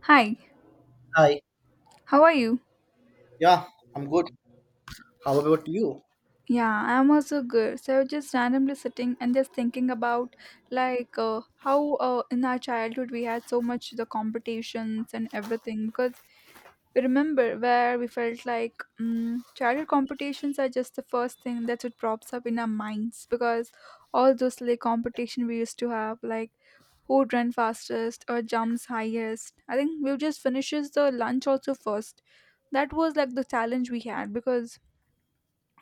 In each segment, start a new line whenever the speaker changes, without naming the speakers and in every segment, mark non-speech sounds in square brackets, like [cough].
Hi,
Hi.
how are you?
Yeah, I'm good. How about you?
Yeah, I'm also good. So I was just randomly sitting and just thinking about like how in our childhood we had so much the competitions and everything because we remember where we felt like childhood competitions are just the first thing that would props up in our minds because all those like competition we used to have like who would run fastest or jumps highest. I think we would just finishes the lunch also first. That was like the challenge we had because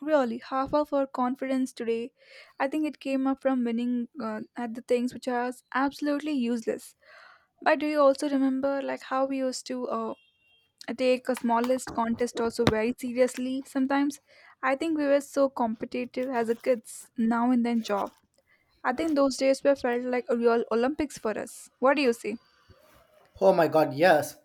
really, half of our confidence today, I think it came up from winning at the things which are absolutely useless. But do you also remember like how we used to take a smallest contest also very seriously sometimes? I think we were so competitive as a kids, now and then job. I think those days were felt like a real Olympics for us. What do you say?
Oh my god, yes.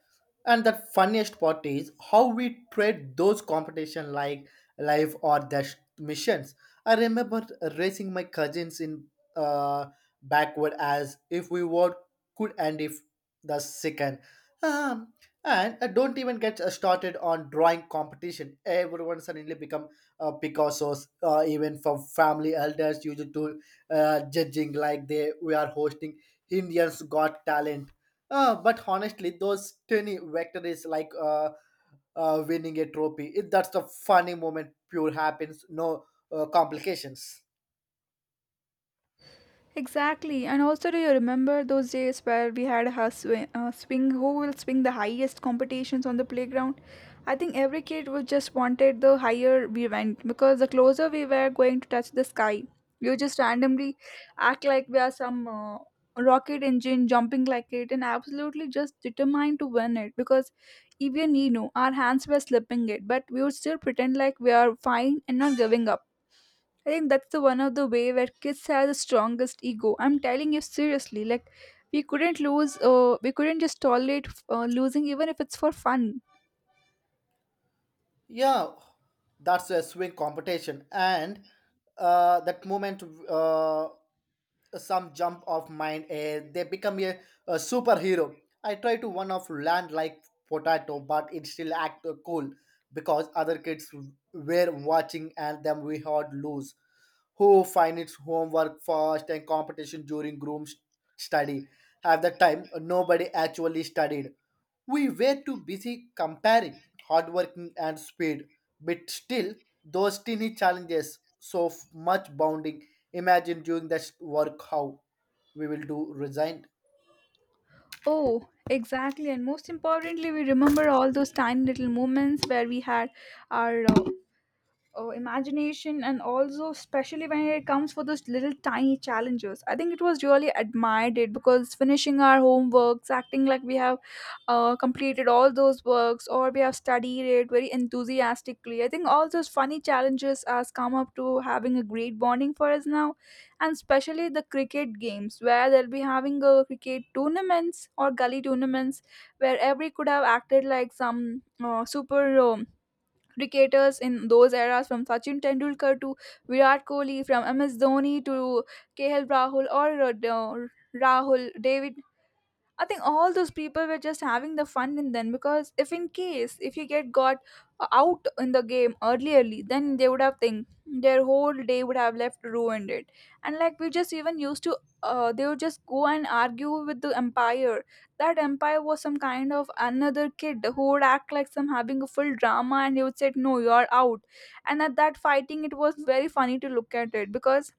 And the funniest part is how we treat those competition like life or death missions. I remember racing my cousins in uh, backward as if we were could end if the second. Um, and I don't even get started on drawing competition. Everyone suddenly become Picasso's, even from family elders used to judging like they we are hosting Indians Got Talent but honestly, those tiny victories like winning a trophy, it, that's the funny moment, pure happens, no complications.
Exactly. And also, do you remember those days where we had a swing who will swing the highest competitions on the playground? I think every kid was just wanted the higher we went because the closer we were going to touch the sky, we would just randomly act like we are some rocket engine jumping like it and absolutely just determined to win it because even you know our hands were slipping it, but we would still pretend like we are fine and not giving up. I think that's the one of the way where kids have the strongest ego. I'm telling you seriously, like we couldn't lose. We couldn't just tolerate losing, even if it's for fun.
Yeah, that's a swing competition. And that moment uh, some jump of mind they become a superhero. I try to one of land like potato but it still act cool because other kids were watching and then we had lose who find its homework first and competition during study. At the time nobody actually studied. We were too busy comparing hard working and speed, but still those teeny challenges so much bounding. Imagine doing that work how we will do resign.
Oh, exactly. And most importantly, we remember all those tiny little moments where we had our oh, imagination and also especially when it comes for those little tiny challenges, I think it was really admired it because finishing our homeworks acting like we have completed all those works or we have studied it very enthusiastically. I think all those funny challenges has come up to having a great bonding for us now, and especially the cricket games where they'll be having a cricket tournaments or gully tournaments where every could have acted like some superhero cricketers in those eras, from Sachin Tendulkar to Virat Kohli, from MS Dhoni to KL Rahul, or Rahul, David. I think all those people were just having the fun in them because if in case if you get got out in the game early, then they would have think their whole day would have left ruined it. And like we just even used to, they would just go and argue with the empire. That empire was some kind of another kid who would act like some having a full drama, and he would say, "No, you're out." And at that fighting, it was very funny to look at it because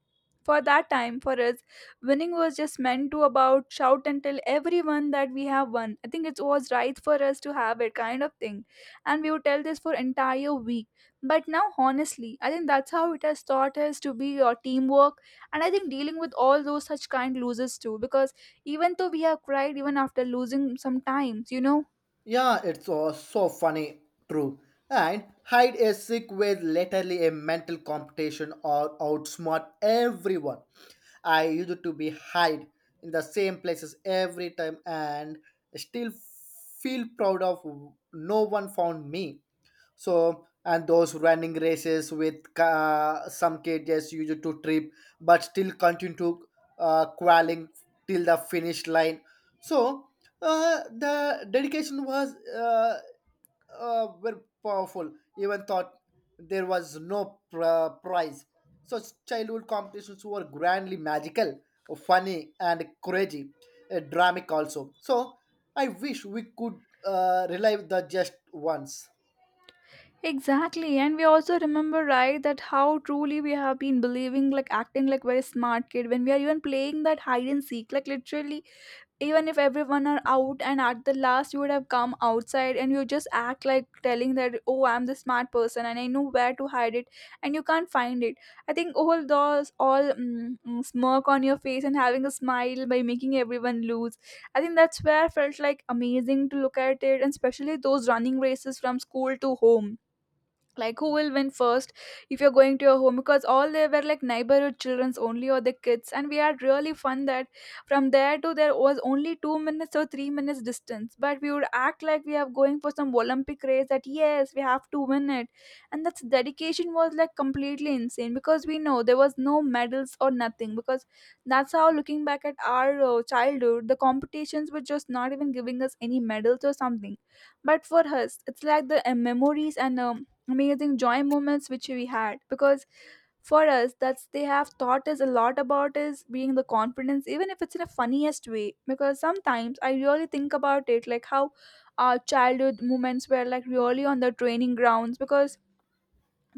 for that time for us winning was just meant to about shout and tell everyone that we have won. I think it was right for us to have it kind of thing, and we would tell this for entire week. But now honestly I think that's how it has taught us to be your teamwork, and I think dealing with all those such kind losers too, because even though we have cried even after losing sometimes, you know.
Yeah, it's all so funny, true. And hide a sick with literally a mental competition or outsmart everyone. I used to be hide in the same places every time and still feel proud of no one found me. So and those running races with some cages used to trip but still continue to qualing till the finish line. So the dedication was very powerful even thought there was no prize. So childhood competitions were grandly magical, funny and crazy, dramatic also. So I wish we could relive the just once.
Exactly, and we also remember, right, that how truly we have been believing, like acting like very smart kid when we are even playing that hide and seek. Like literally, even if everyone are out and at the last you would have come outside and you just act like telling that, oh, I'm the smart person and I know where to hide it and you can't find it. I think all those smirk on your face and having a smile by making everyone lose, I think that's where I felt like amazing to look at it, and especially those running races from school to home, like who will win first if you're going to your home, because all they were like neighborhood children's only or the kids, and we had really fun that from there to there was only 2 minutes or 3 minutes distance, but we would act like we are going for some olympic race that yes, we have to win it. And that's dedication was like completely insane because we know there was no medals or nothing, because that's how looking back at our childhood, the competitions were just not even giving us any medals or something. But for us it's like the memories and amazing joy moments which we had, because for us that's they have taught us a lot about is being the confidence even if it's in a funniest way, because sometimes I really think about it like how our childhood moments were like really on the training grounds, because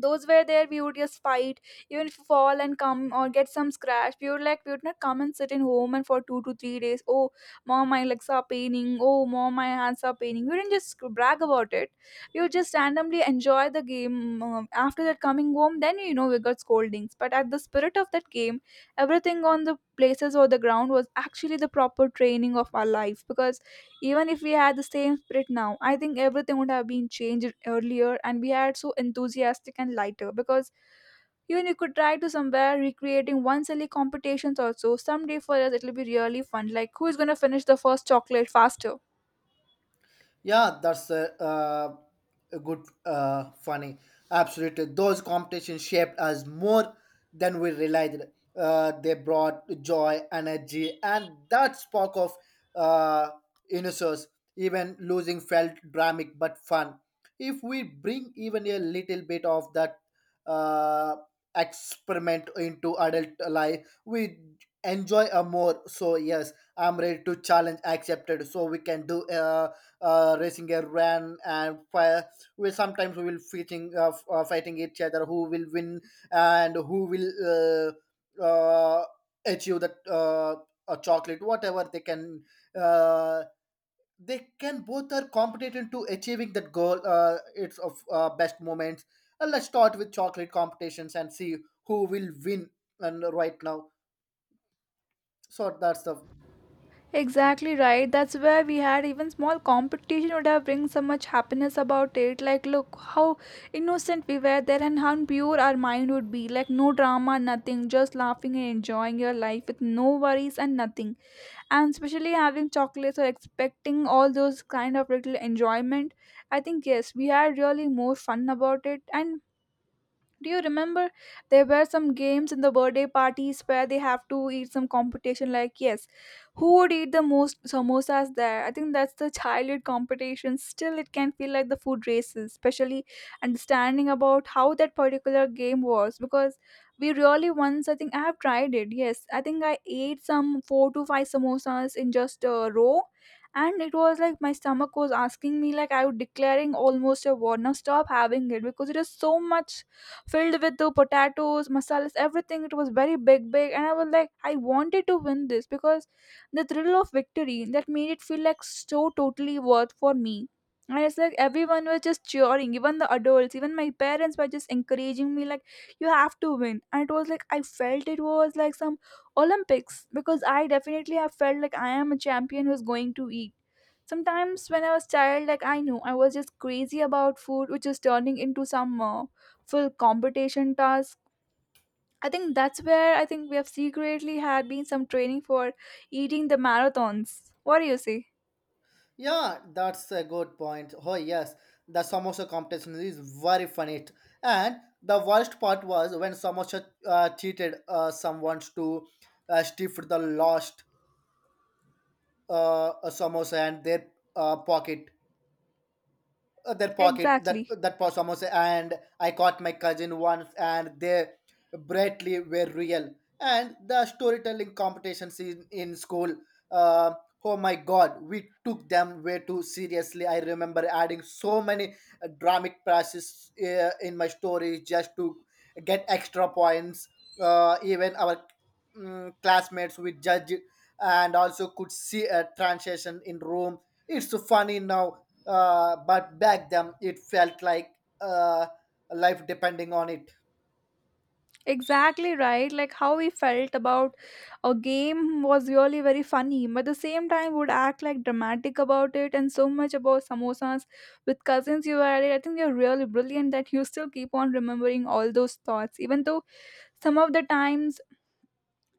those were there we would just fight. Even if you fall and come or get some scratch, we would like we would not come and sit in home and for 2 to 3 days, oh mom my legs are paining, oh mom my hands are paining. We didn't just brag about it. We would just randomly enjoy the game. After that coming home then, you know, we got scoldings, but at the spirit of that game, everything on the places or the ground was actually the proper training of our life, because even if we had the same spirit now, I think everything would have been changed earlier and we had so enthusiastic and lighter, because even you could try to somewhere recreating one silly competitions also. Someday for us it'll be really fun. Like who is gonna finish the first chocolate faster?
Yeah, that's a good, funny. Absolutely. Those competitions shaped us more than we realized. They brought joy, energy, and that spark of uh, innocence. Even losing felt dramatic but fun. If we bring even a little bit of that uh, experiment into adult life, we enjoy a more. So, yes, I'm ready to challenge accepted so we can do. Racing a ran and fire. We sometimes we will fighting fighting each other who will win and who will uh, uh, achieve that a chocolate whatever uh, they can both are competent to achieving that goal. It's of best moments. Let's start with chocolate competitions and see who will win and right now so that's the.
Exactly right. That's where we had even small competition would have bring so much happiness about it. Like, look how innocent we were there and how pure our mind would be. Like, no drama, nothing, just laughing and enjoying your life with no worries and nothing. And especially having chocolates or expecting all those kind of little enjoyment. I think, yes, we had really more fun about it. And do you remember there were some games in the birthday parties where they have to eat some competition, like yes, who would eat the most samosas there? I think that's the childhood competition. Still it can feel like the food races, especially understanding about how that particular game was, because we really once I think I have tried it. Yes, I think I ate some 4 to 5 samosas in just a row, and it was like my stomach was asking me, like I was declaring almost a war now stop having it because it is so much filled with the potatoes, masalas, everything. It was very big, and I was like, I wanted to win this because the thrill of victory that made it feel like so totally worth for me. And it's like everyone was just cheering, even the adults, even my parents were just encouraging me, like, you have to win. And it was like, I felt it was like some Olympics because I definitely have felt like I am a champion who's going to. Sometimes when I was child, like I knew I was just crazy about food, which is turning into some full competition task. I think that's where I think we have secretly had been some training for eating the marathons. What do you say?
Yeah, that's a good point. Oh yes, the samosa competition is very funny. And the worst part was when samosa cheated someone to stifle the lost samosa and their pocket their pocket, that
Exactly.
that was almost and I caught my cousin once and they brightly were real. And the storytelling competitions in school, uh, oh my god, we took them way too seriously. I remember adding so many dramatic passes in my stories just to get extra points. Even our classmates would judge and also could see a transition in room. It's funny now, but back then it felt like uh, life depending on it.
Exactly right. Like how we felt about a game was really very funny, but at the same time would act like dramatic about it, and so much about samosas with cousins you had it. I think you're really brilliant that you still keep on remembering all those thoughts, even though some of the times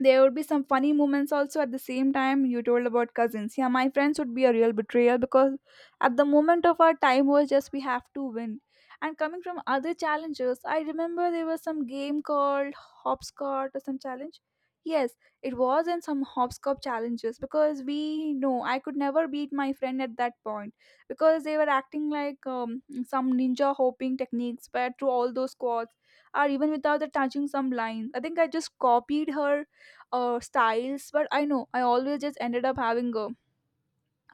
there would be some funny moments also. At the same time you told about cousins, yeah, my friends would be a real betrayal because at the moment of our time was just we have to win. And coming from other challenges, I remember there was some game called hopscotch or some challenge. Yes, it was in some hopscotch challenges, because we know I could never beat my friend at that point because they were acting like some ninja hopping techniques but through all those squats or even without the touching some lines. I think I just copied her styles, but I know I always just ended up having a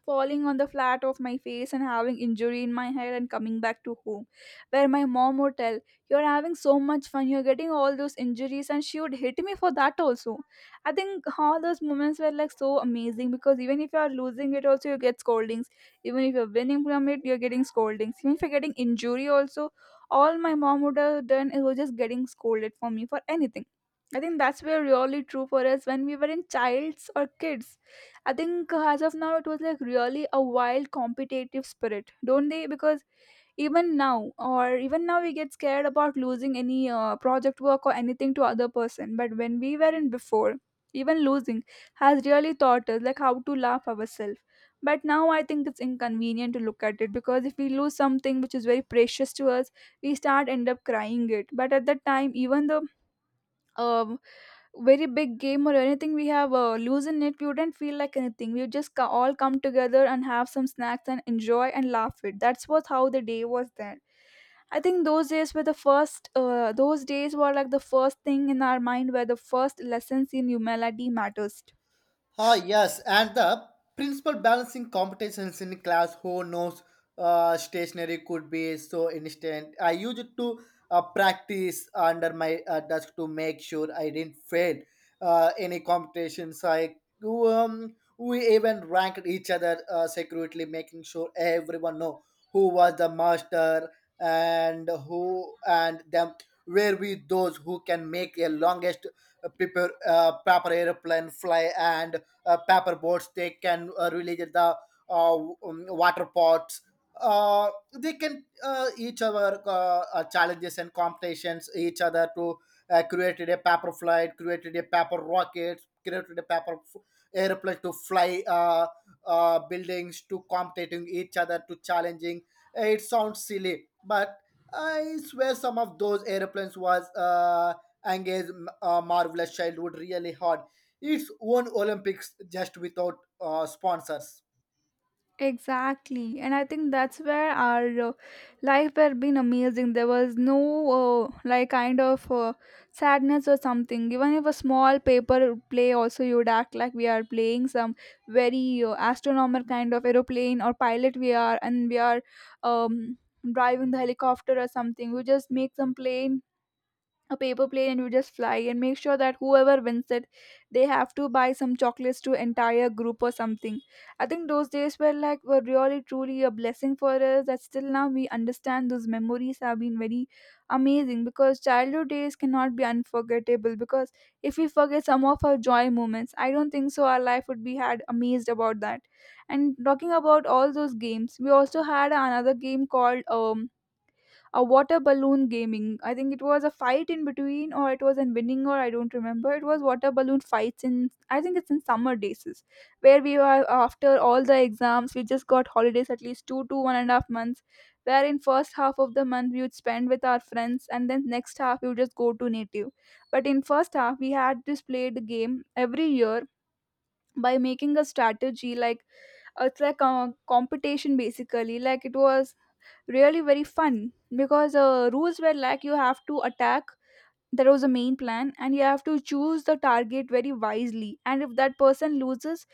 falling on the flat of my face and having injury in my head and coming back to home where my mom would tell, "You're having so much fun, you're getting all those injuries," and she would hit me for that also. I think all those moments were like so amazing because even if you're losing it also you get scoldings, even if you're winning from it you're getting scoldings, even if you're getting injury also, all my mom would have done it was just getting scolded for me for anything. I think that's where really true for us when we were in childs or kids. I think as of now, it was like really a wild competitive spirit, don't they? Because even now, or even now, we get scared about losing any project work or anything to other person. But when we were in before, even losing has really taught us like how to laugh ourselves. But now I think it's inconvenient to look at it because if we lose something which is very precious to us, we start end up crying it. But at that time, even though um very big game or anything we have lose in it, we wouldn't feel like anything. We would just all come together and have some snacks and enjoy and laugh it. That's what how the day was then. I think those days were the first those days were like the first thing in our mind where the first lessons in humanity matters
Ah, yes, and the principal balancing competitions in class who knows stationery could be so instant. I used to practice under my desk to make sure I didn't fail any competitions. I we even ranked each other secretly, making sure everyone know who was the master and who and them were we those who can make a longest prepare proper airplane fly and paper boats they can relieve the uh, um, water pots, uh, they can each other challenges and competitions each other to created a paper flight, created a paper rocket, created a airplane to fly, buildings to competing each other to challenging. It sounds silly but I swear some of those airplanes was engaged marvelous childhood really hard, its own Olympics just without sponsors.
Exactly, and I think that's where our life had been amazing. There was no like kind of sadness or something. Even if a small paper play, also you would act like we are playing some very astronomical kind of aeroplane or pilot. We are, and we are um, driving the helicopter or something. We just make some plain a paper plane and you just fly and make sure that whoever wins it, they have to buy some chocolates to entire group or something. I think those days were like were really truly a blessing for us, that still now we understand those memories have been very amazing because childhood days cannot be unforgettable because if we forget some of our joy moments, I don't think so our life would be had amazed about that. And talking about all those games, we also had another game called a water balloon gaming. I think it was a fight in between, or it was in winning, or I don't remember. It was water balloon fights in, I think it's in summer days, is where we were after all the exams. We just got holidays at least 2 to 1.5 months. Where in first half of the month we would spend with our friends, and then next half we would just go to native. But in first half we had this played game every year by making a strategy like it's like a competition, basically. Like it was really very fun because rules were like you have to attack, that was the main plan, and you have to choose the target very wisely, and if that person loses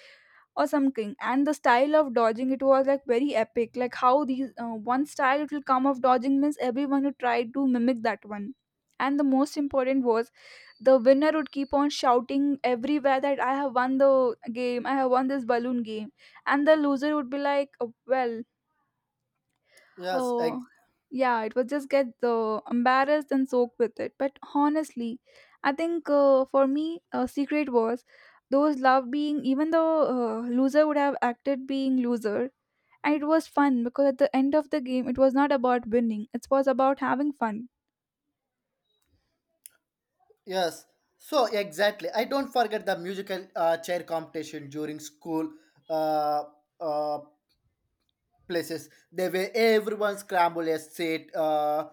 or something. And the style of dodging it was like very epic, like how these one style it will come of dodging means everyone who tried to mimic that one. And the most important was the winner would keep on shouting everywhere that, "I have won the game, I have won this balloon game," and the loser would be like, "Oh, well."
Yes,
Oh,
ex-
yeah, it was just get embarrassed and soaked with it. But honestly, I think for me, a secret was those love being, even though loser would have acted being loser. And it was fun because at the end of the game, it was not about winning, it was about having fun.
yes. So exactly, I don't forget the musical chair competition during school, uh, uh, places they were everyone scramble a seat, uh,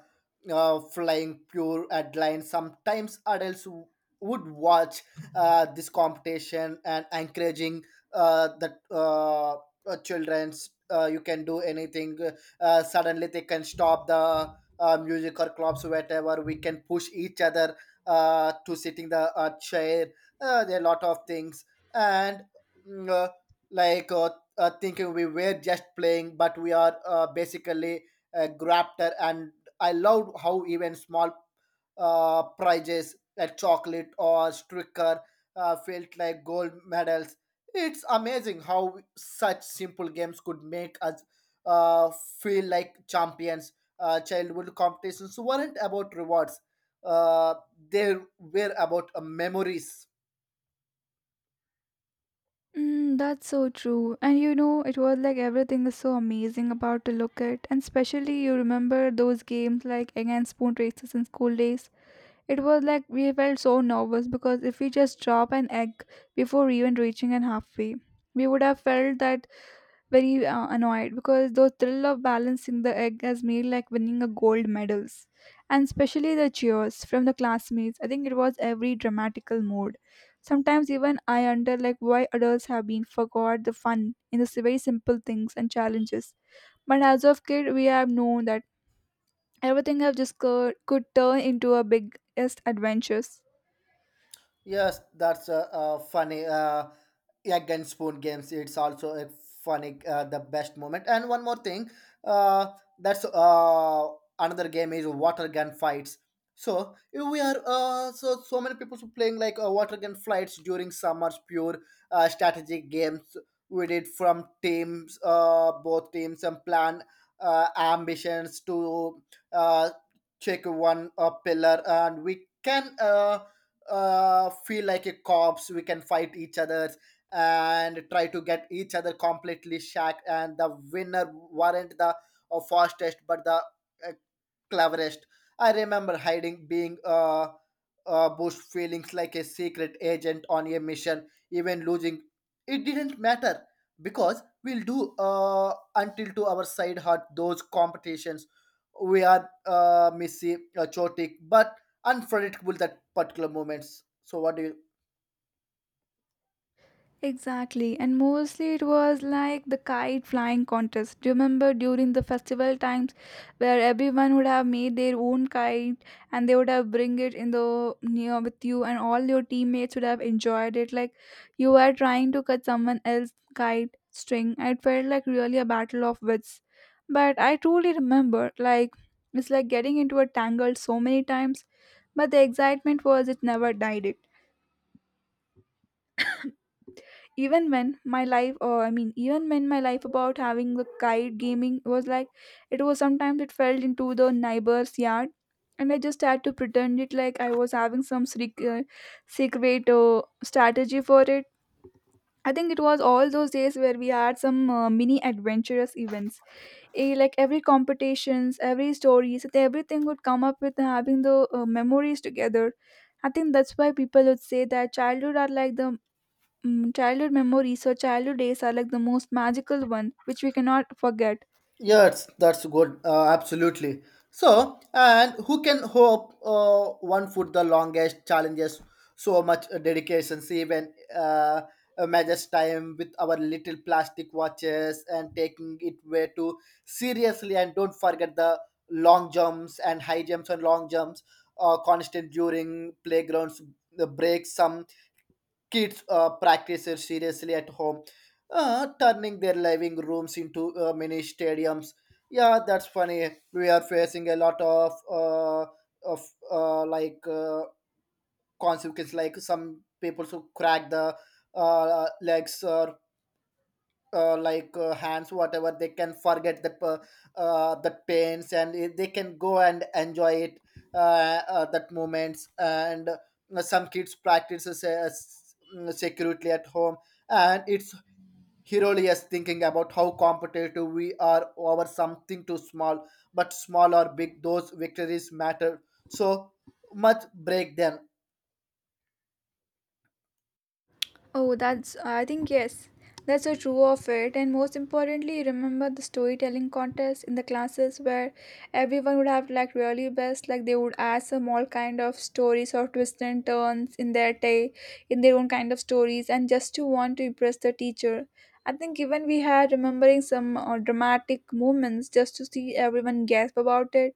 uh, flying pure headline. Sometimes would watch [laughs] this competition and encouraging that children's, you can do anything. Suddenly they can stop the music or clubs whatever we can push each other to sitting the chair. There are a lot of things. And mm, uh, like uh, thinking we were just playing, but we are basically a grafter. And I loved how even small prizes like chocolate or sticker felt like gold medals. It's amazing how such simple games could make us uh, feel like champions. Childhood competitions weren't about rewards; uh, they were about memories.
Mm, that's so true. And you know, it was like everything is so amazing about to look at. And especially you remember those games like against spoon races in school days. It was like we felt so nervous because if we just drop an egg before even reaching an halfway, we would have felt that very annoyed because the thrill of balancing the egg has made like winning a gold medals, and especially the cheers from the classmates. I think it was every dramatical mood. Sometimes even I wonder like why adults have been forgot the fun in the very simple things and challenges. But as of kid, we have known that everything have just could turn into a biggest adventures.
Yes, that's a funny egg and spoon games. It's also a funny, the best moment. And one more thing, uh, that's another game is water gun fights. So we are so so many people playing like water gun fights during summers. Pure strategy games. We did from teams, both teams, and plan ambitions to uh, check one pillar, and we can. Feel like a cops. We can fight each other and try to get each other completely shacked. And the winner weren't the fastest, but the uh, cleverest. I remember hiding, being boost feelings like a secret agent on a mission, even losing. It didn't matter because we'll do until to our side heart those competitions. We are messy, chaotic, but unpredictable that particular moments. So, what do you.
Exactly, and mostly it was like the kite flying contest. Do you remember during the festival times where everyone would have made their own kite and they would have bring it in the near with you, and all your teammates would have enjoyed it like you were trying to cut someone else's kite string. It felt like really a battle of wits. But I truly remember like it's like getting into a tangle so many times, but the excitement was it never died, even when my life, or I mean, even when my life about having the kite gaming was like, it was, sometimes it fell into the neighbor's yard, and I just had to pretend it like I was having some secret strategy for it. I think it was all those days where we had some mini adventurous events. Eh, like every competitions, every stories, everything would come up with having the memories together. I think that's why people would say that childhood are like the Mm, childhood memories or childhood days are like the most magical one, which we cannot forget.
Yes, that's good. Absolutely. So, and who can hope one foot the longest challenges so much dedication, even measures time with our little plastic watches and taking it way too seriously. And don't forget the long jumps and high jumps and long jumps, constant during playgrounds, the breaks, some kids practices seriously at home, turning their living rooms into mini stadiums. Yeah, that's funny. We are facing a lot of uh, like uh, consequences, like some people who crack the legs or hands whatever they can forget the the pains and they can go and enjoy it, that moments, and some kids practices secretly at home. And it's hilarious thinking about how competitive we are over something too small, but small or big those victories matter so much break them.
Oh, that's, I think, yes, that's a true of it. And most importantly, remember the storytelling contest in the classes where everyone would have like really best, like they would add some all kind of stories or twists and turns in their day, in their own kind of stories, and just to want to impress the teacher. I think even we had remembering some dramatic moments just to see everyone gasp about it.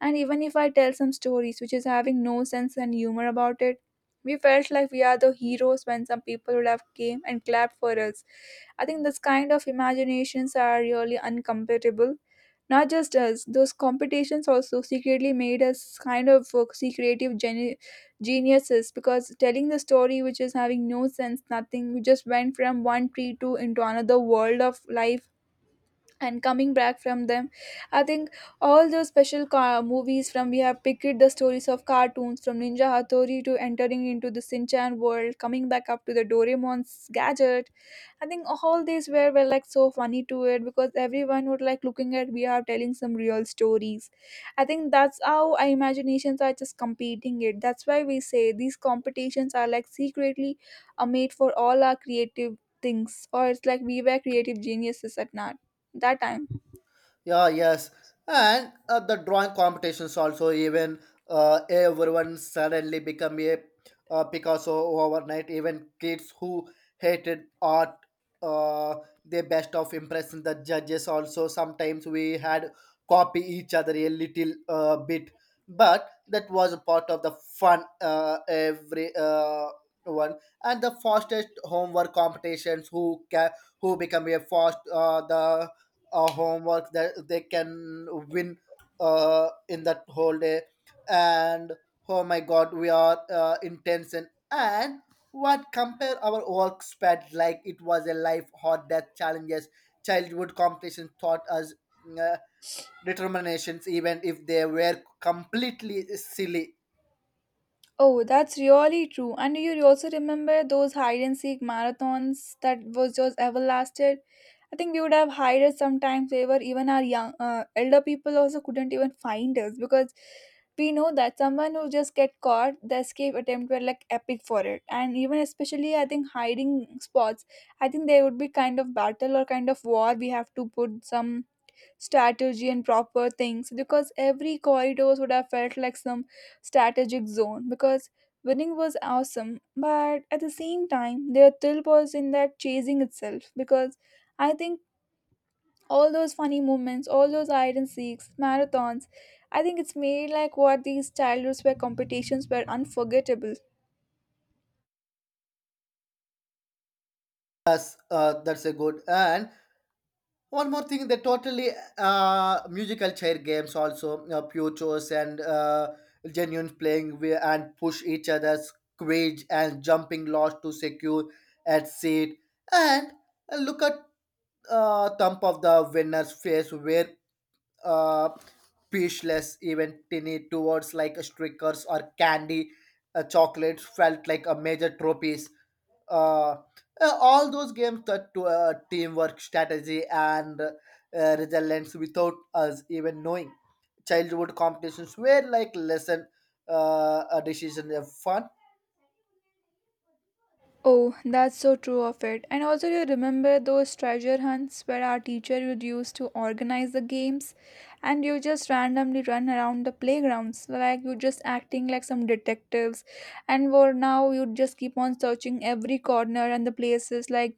And even if I tell some stories which is having no sense and humor about it, we felt like we are the heroes when some people would have came and clapped for us. I think this kind of imaginations are really uncompatible. Not just us, those competitions also secretly made us kind of see creative geniuses because telling the story which is having no sense, nothing, we just went from one tree to into another world of life and coming back from them. I think all those special movies from we have picked the stories of cartoons from Ninja Hattori to entering into the sinchan world, coming back up to the Doraemon's gadget. I think all these were like so funny to it because everyone would like looking at we are telling some real stories. I think that's how our imaginations are just competing it. That's why we say these competitions are like secretly are made for all our creative things, or it's like we were creative geniuses at not that time.
Yeah, yes. And the drawing competitions also, even everyone suddenly become a Picasso overnight. Even kids who hated art, uh, they best of impressing the judges also. Sometimes we had copy each other a little bit, but that was a part of the fun. Every one, and the fastest homework competitions who become a fast the homework that they can win in that whole day. And oh my god, we are in tension and what compare our work spread like it was a life or death challenges. Childhood competition taught us uh, determinations, even if they were completely silly.
Oh, that's really true. And you also remember those hide and seek marathons that was just everlasted? I think we would have hided sometimes. They were even our young elder people also couldn't even find us because we know that someone who just get caught, the escape attempt were like epic for it. And even especially, I think hiding spots, I think there would be kind of battle or kind of war. We have to put some strategy and proper things because every corridors would have felt like some strategic zone because winning was awesome, but at the same time their thrill was in that chasing itself. Because I think all those funny moments, all those hide and seeks marathons, I think it's made like what these childhoods where competitions were unforgettable.
Us, that's a good. And one more thing, they totally musical chair games also, pure chores and genuine playing and push each other's squeeze and jumping loss to secure at seat. And look at thump of the winner's face where uh, speechless, even tinny towards like stickers or candy chocolates felt like a major trophy. uh, all those games that to teamwork strategy and resilience without us even knowing, childhood competitions were like lesson, a decision of fun.
Oh, that's so true of it. And also, you remember those treasure hunts where our teacher would use to organize the games, and you just randomly run around the playgrounds, like you just acting like some detectives. And for now, you just keep on searching every corner and the places, like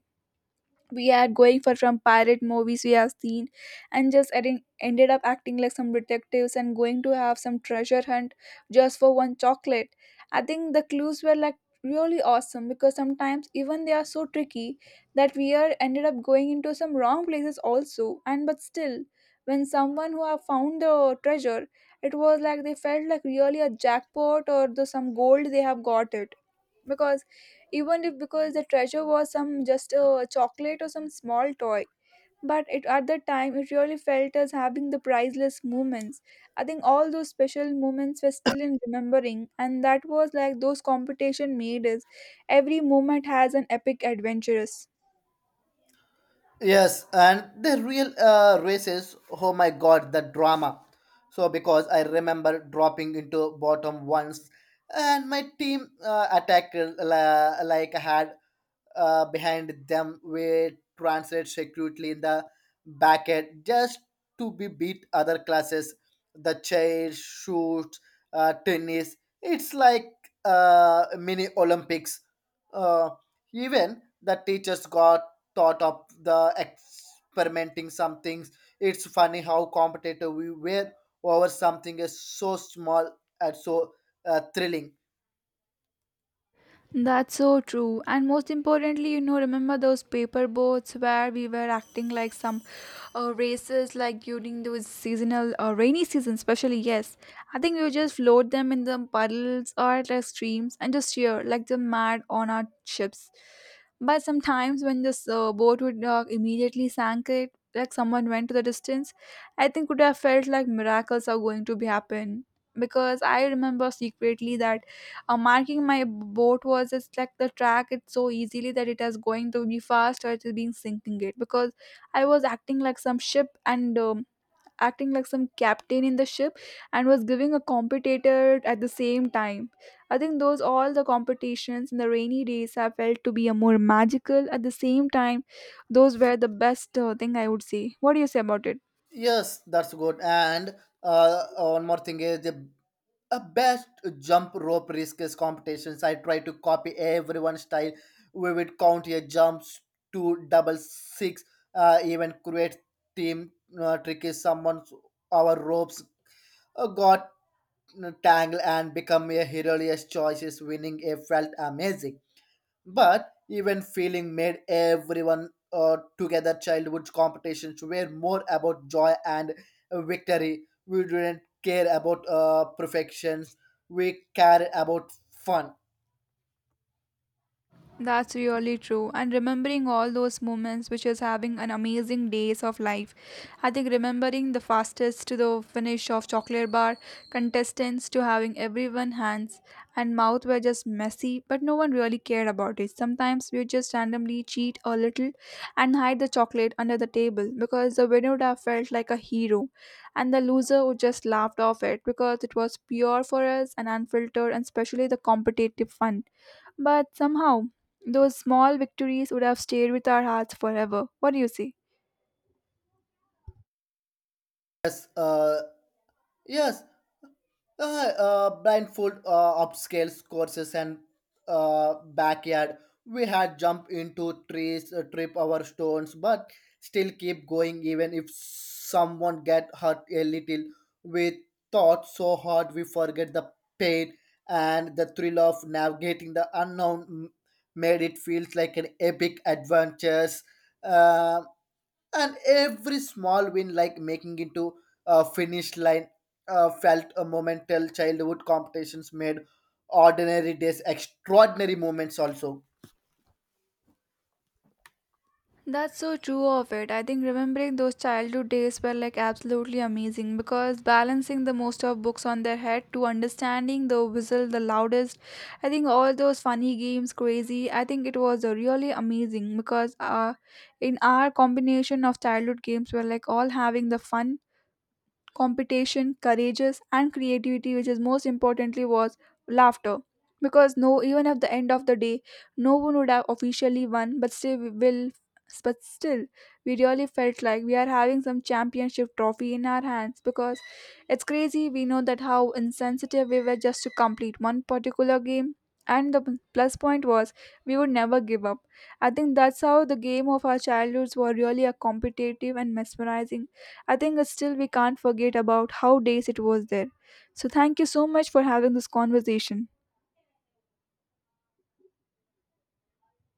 we are going for from pirate movies we have seen, and just adding, ended up acting like some detectives and going to have some treasure hunt just for one chocolate. I think the clues were like really awesome because sometimes even they are so tricky that we are ended up going into some wrong places also. And but still, when someone who have found the treasure, it was like they felt like really a jackpot or the some gold they have got it. Because even if, because the treasure was some just a chocolate or some small toy, but it at that time it really felt as having the priceless moments. I think all those special moments were still in remembering, and that was like those competition made us every moment has an epic adventurous.
Yes, and the real races, oh my god the drama. So because I remember dropping into bottom once and my team attacked, like had behind them were translated secretly in the back end just to be beat other classes, the chairs shoot, tennis. It's like mini olympics. uh, Even the teachers got thought of the experimenting some things. It's funny how competitive we were over something is so small, and so thrilling.
That's so true. And most importantly, you know, remember those paper boats where we were acting like some races, like during those seasonal rainy season, especially. Yes, I think we would just float them in the puddles or like streams and just cheer like the mad on our ships. But sometimes when this boat would immediately sank, it like someone went to the distance, I think would have felt like miracles are going to be happen. Because I remember secretly that marking my boat was just like the track it so easily that it is going to be fast or it has sinking it. Because I was acting like some ship and acting like some captain in the ship and was giving a competitor at the same time. I think those all the competitions in the rainy days have felt to be a more magical at the same time. Those were the best thing I would say. What do you say about it?
Yes, that's good. And uh, one more thing is the a best jump rope risks competitions. I try to copy everyone's style. We would count your jumps to double six, even create team tricky. Someone's our ropes got tangled and become a hilarious choices. Winning a felt amazing but even feeling made everyone together. Childhood competitions were more about joy and victory. We didn't care about perfections, we cared about fun.
That's really true. And remembering all those moments, which is having an amazing days of life. I think remembering the fastest to the finish of chocolate bar contestants to having everyone hands and mouth were just messy, but no one really cared about it. Sometimes we would just randomly cheat a little and hide the chocolate under the table because the winner would have felt like a hero, and the loser would just laughed off it because it was pure for us and unfiltered, and especially the competitive fun. But somehow, those small victories would have stayed with our hearts forever. What do you see?
Yes yes. Blindfold upscale courses and backyard. We had jump into trees, trip our stones, but still keep going even if someone get hurt a little. We thought so hard we forget the pain, and the thrill of navigating the made it feels like an epic adventures. Um and every small win like making into a finish line felt a momental. Childhood competitions made ordinary days extraordinary moments also.
That's so true of it. I think remembering those childhood days were like absolutely amazing because balancing the most of books on their head to understanding the whistle the loudest, I think all those funny games, crazy, I think it was really amazing because in our combination of childhood games, we're like all having the fun competition, courageous, and creativity, which is most importantly was laughter. Because no, even at the end of the day, no one would have officially won, but still we will, but still we really felt like we are having some championship trophy in our hands. Because it's crazy, we know that how insensitive we were just to complete one particular game. And the plus point was we would never give up. I think that's how the game of our childhoods were really a competitive and mesmerizing. I think it's still we can't forget about how days it was there. So thank you so much for having this conversation.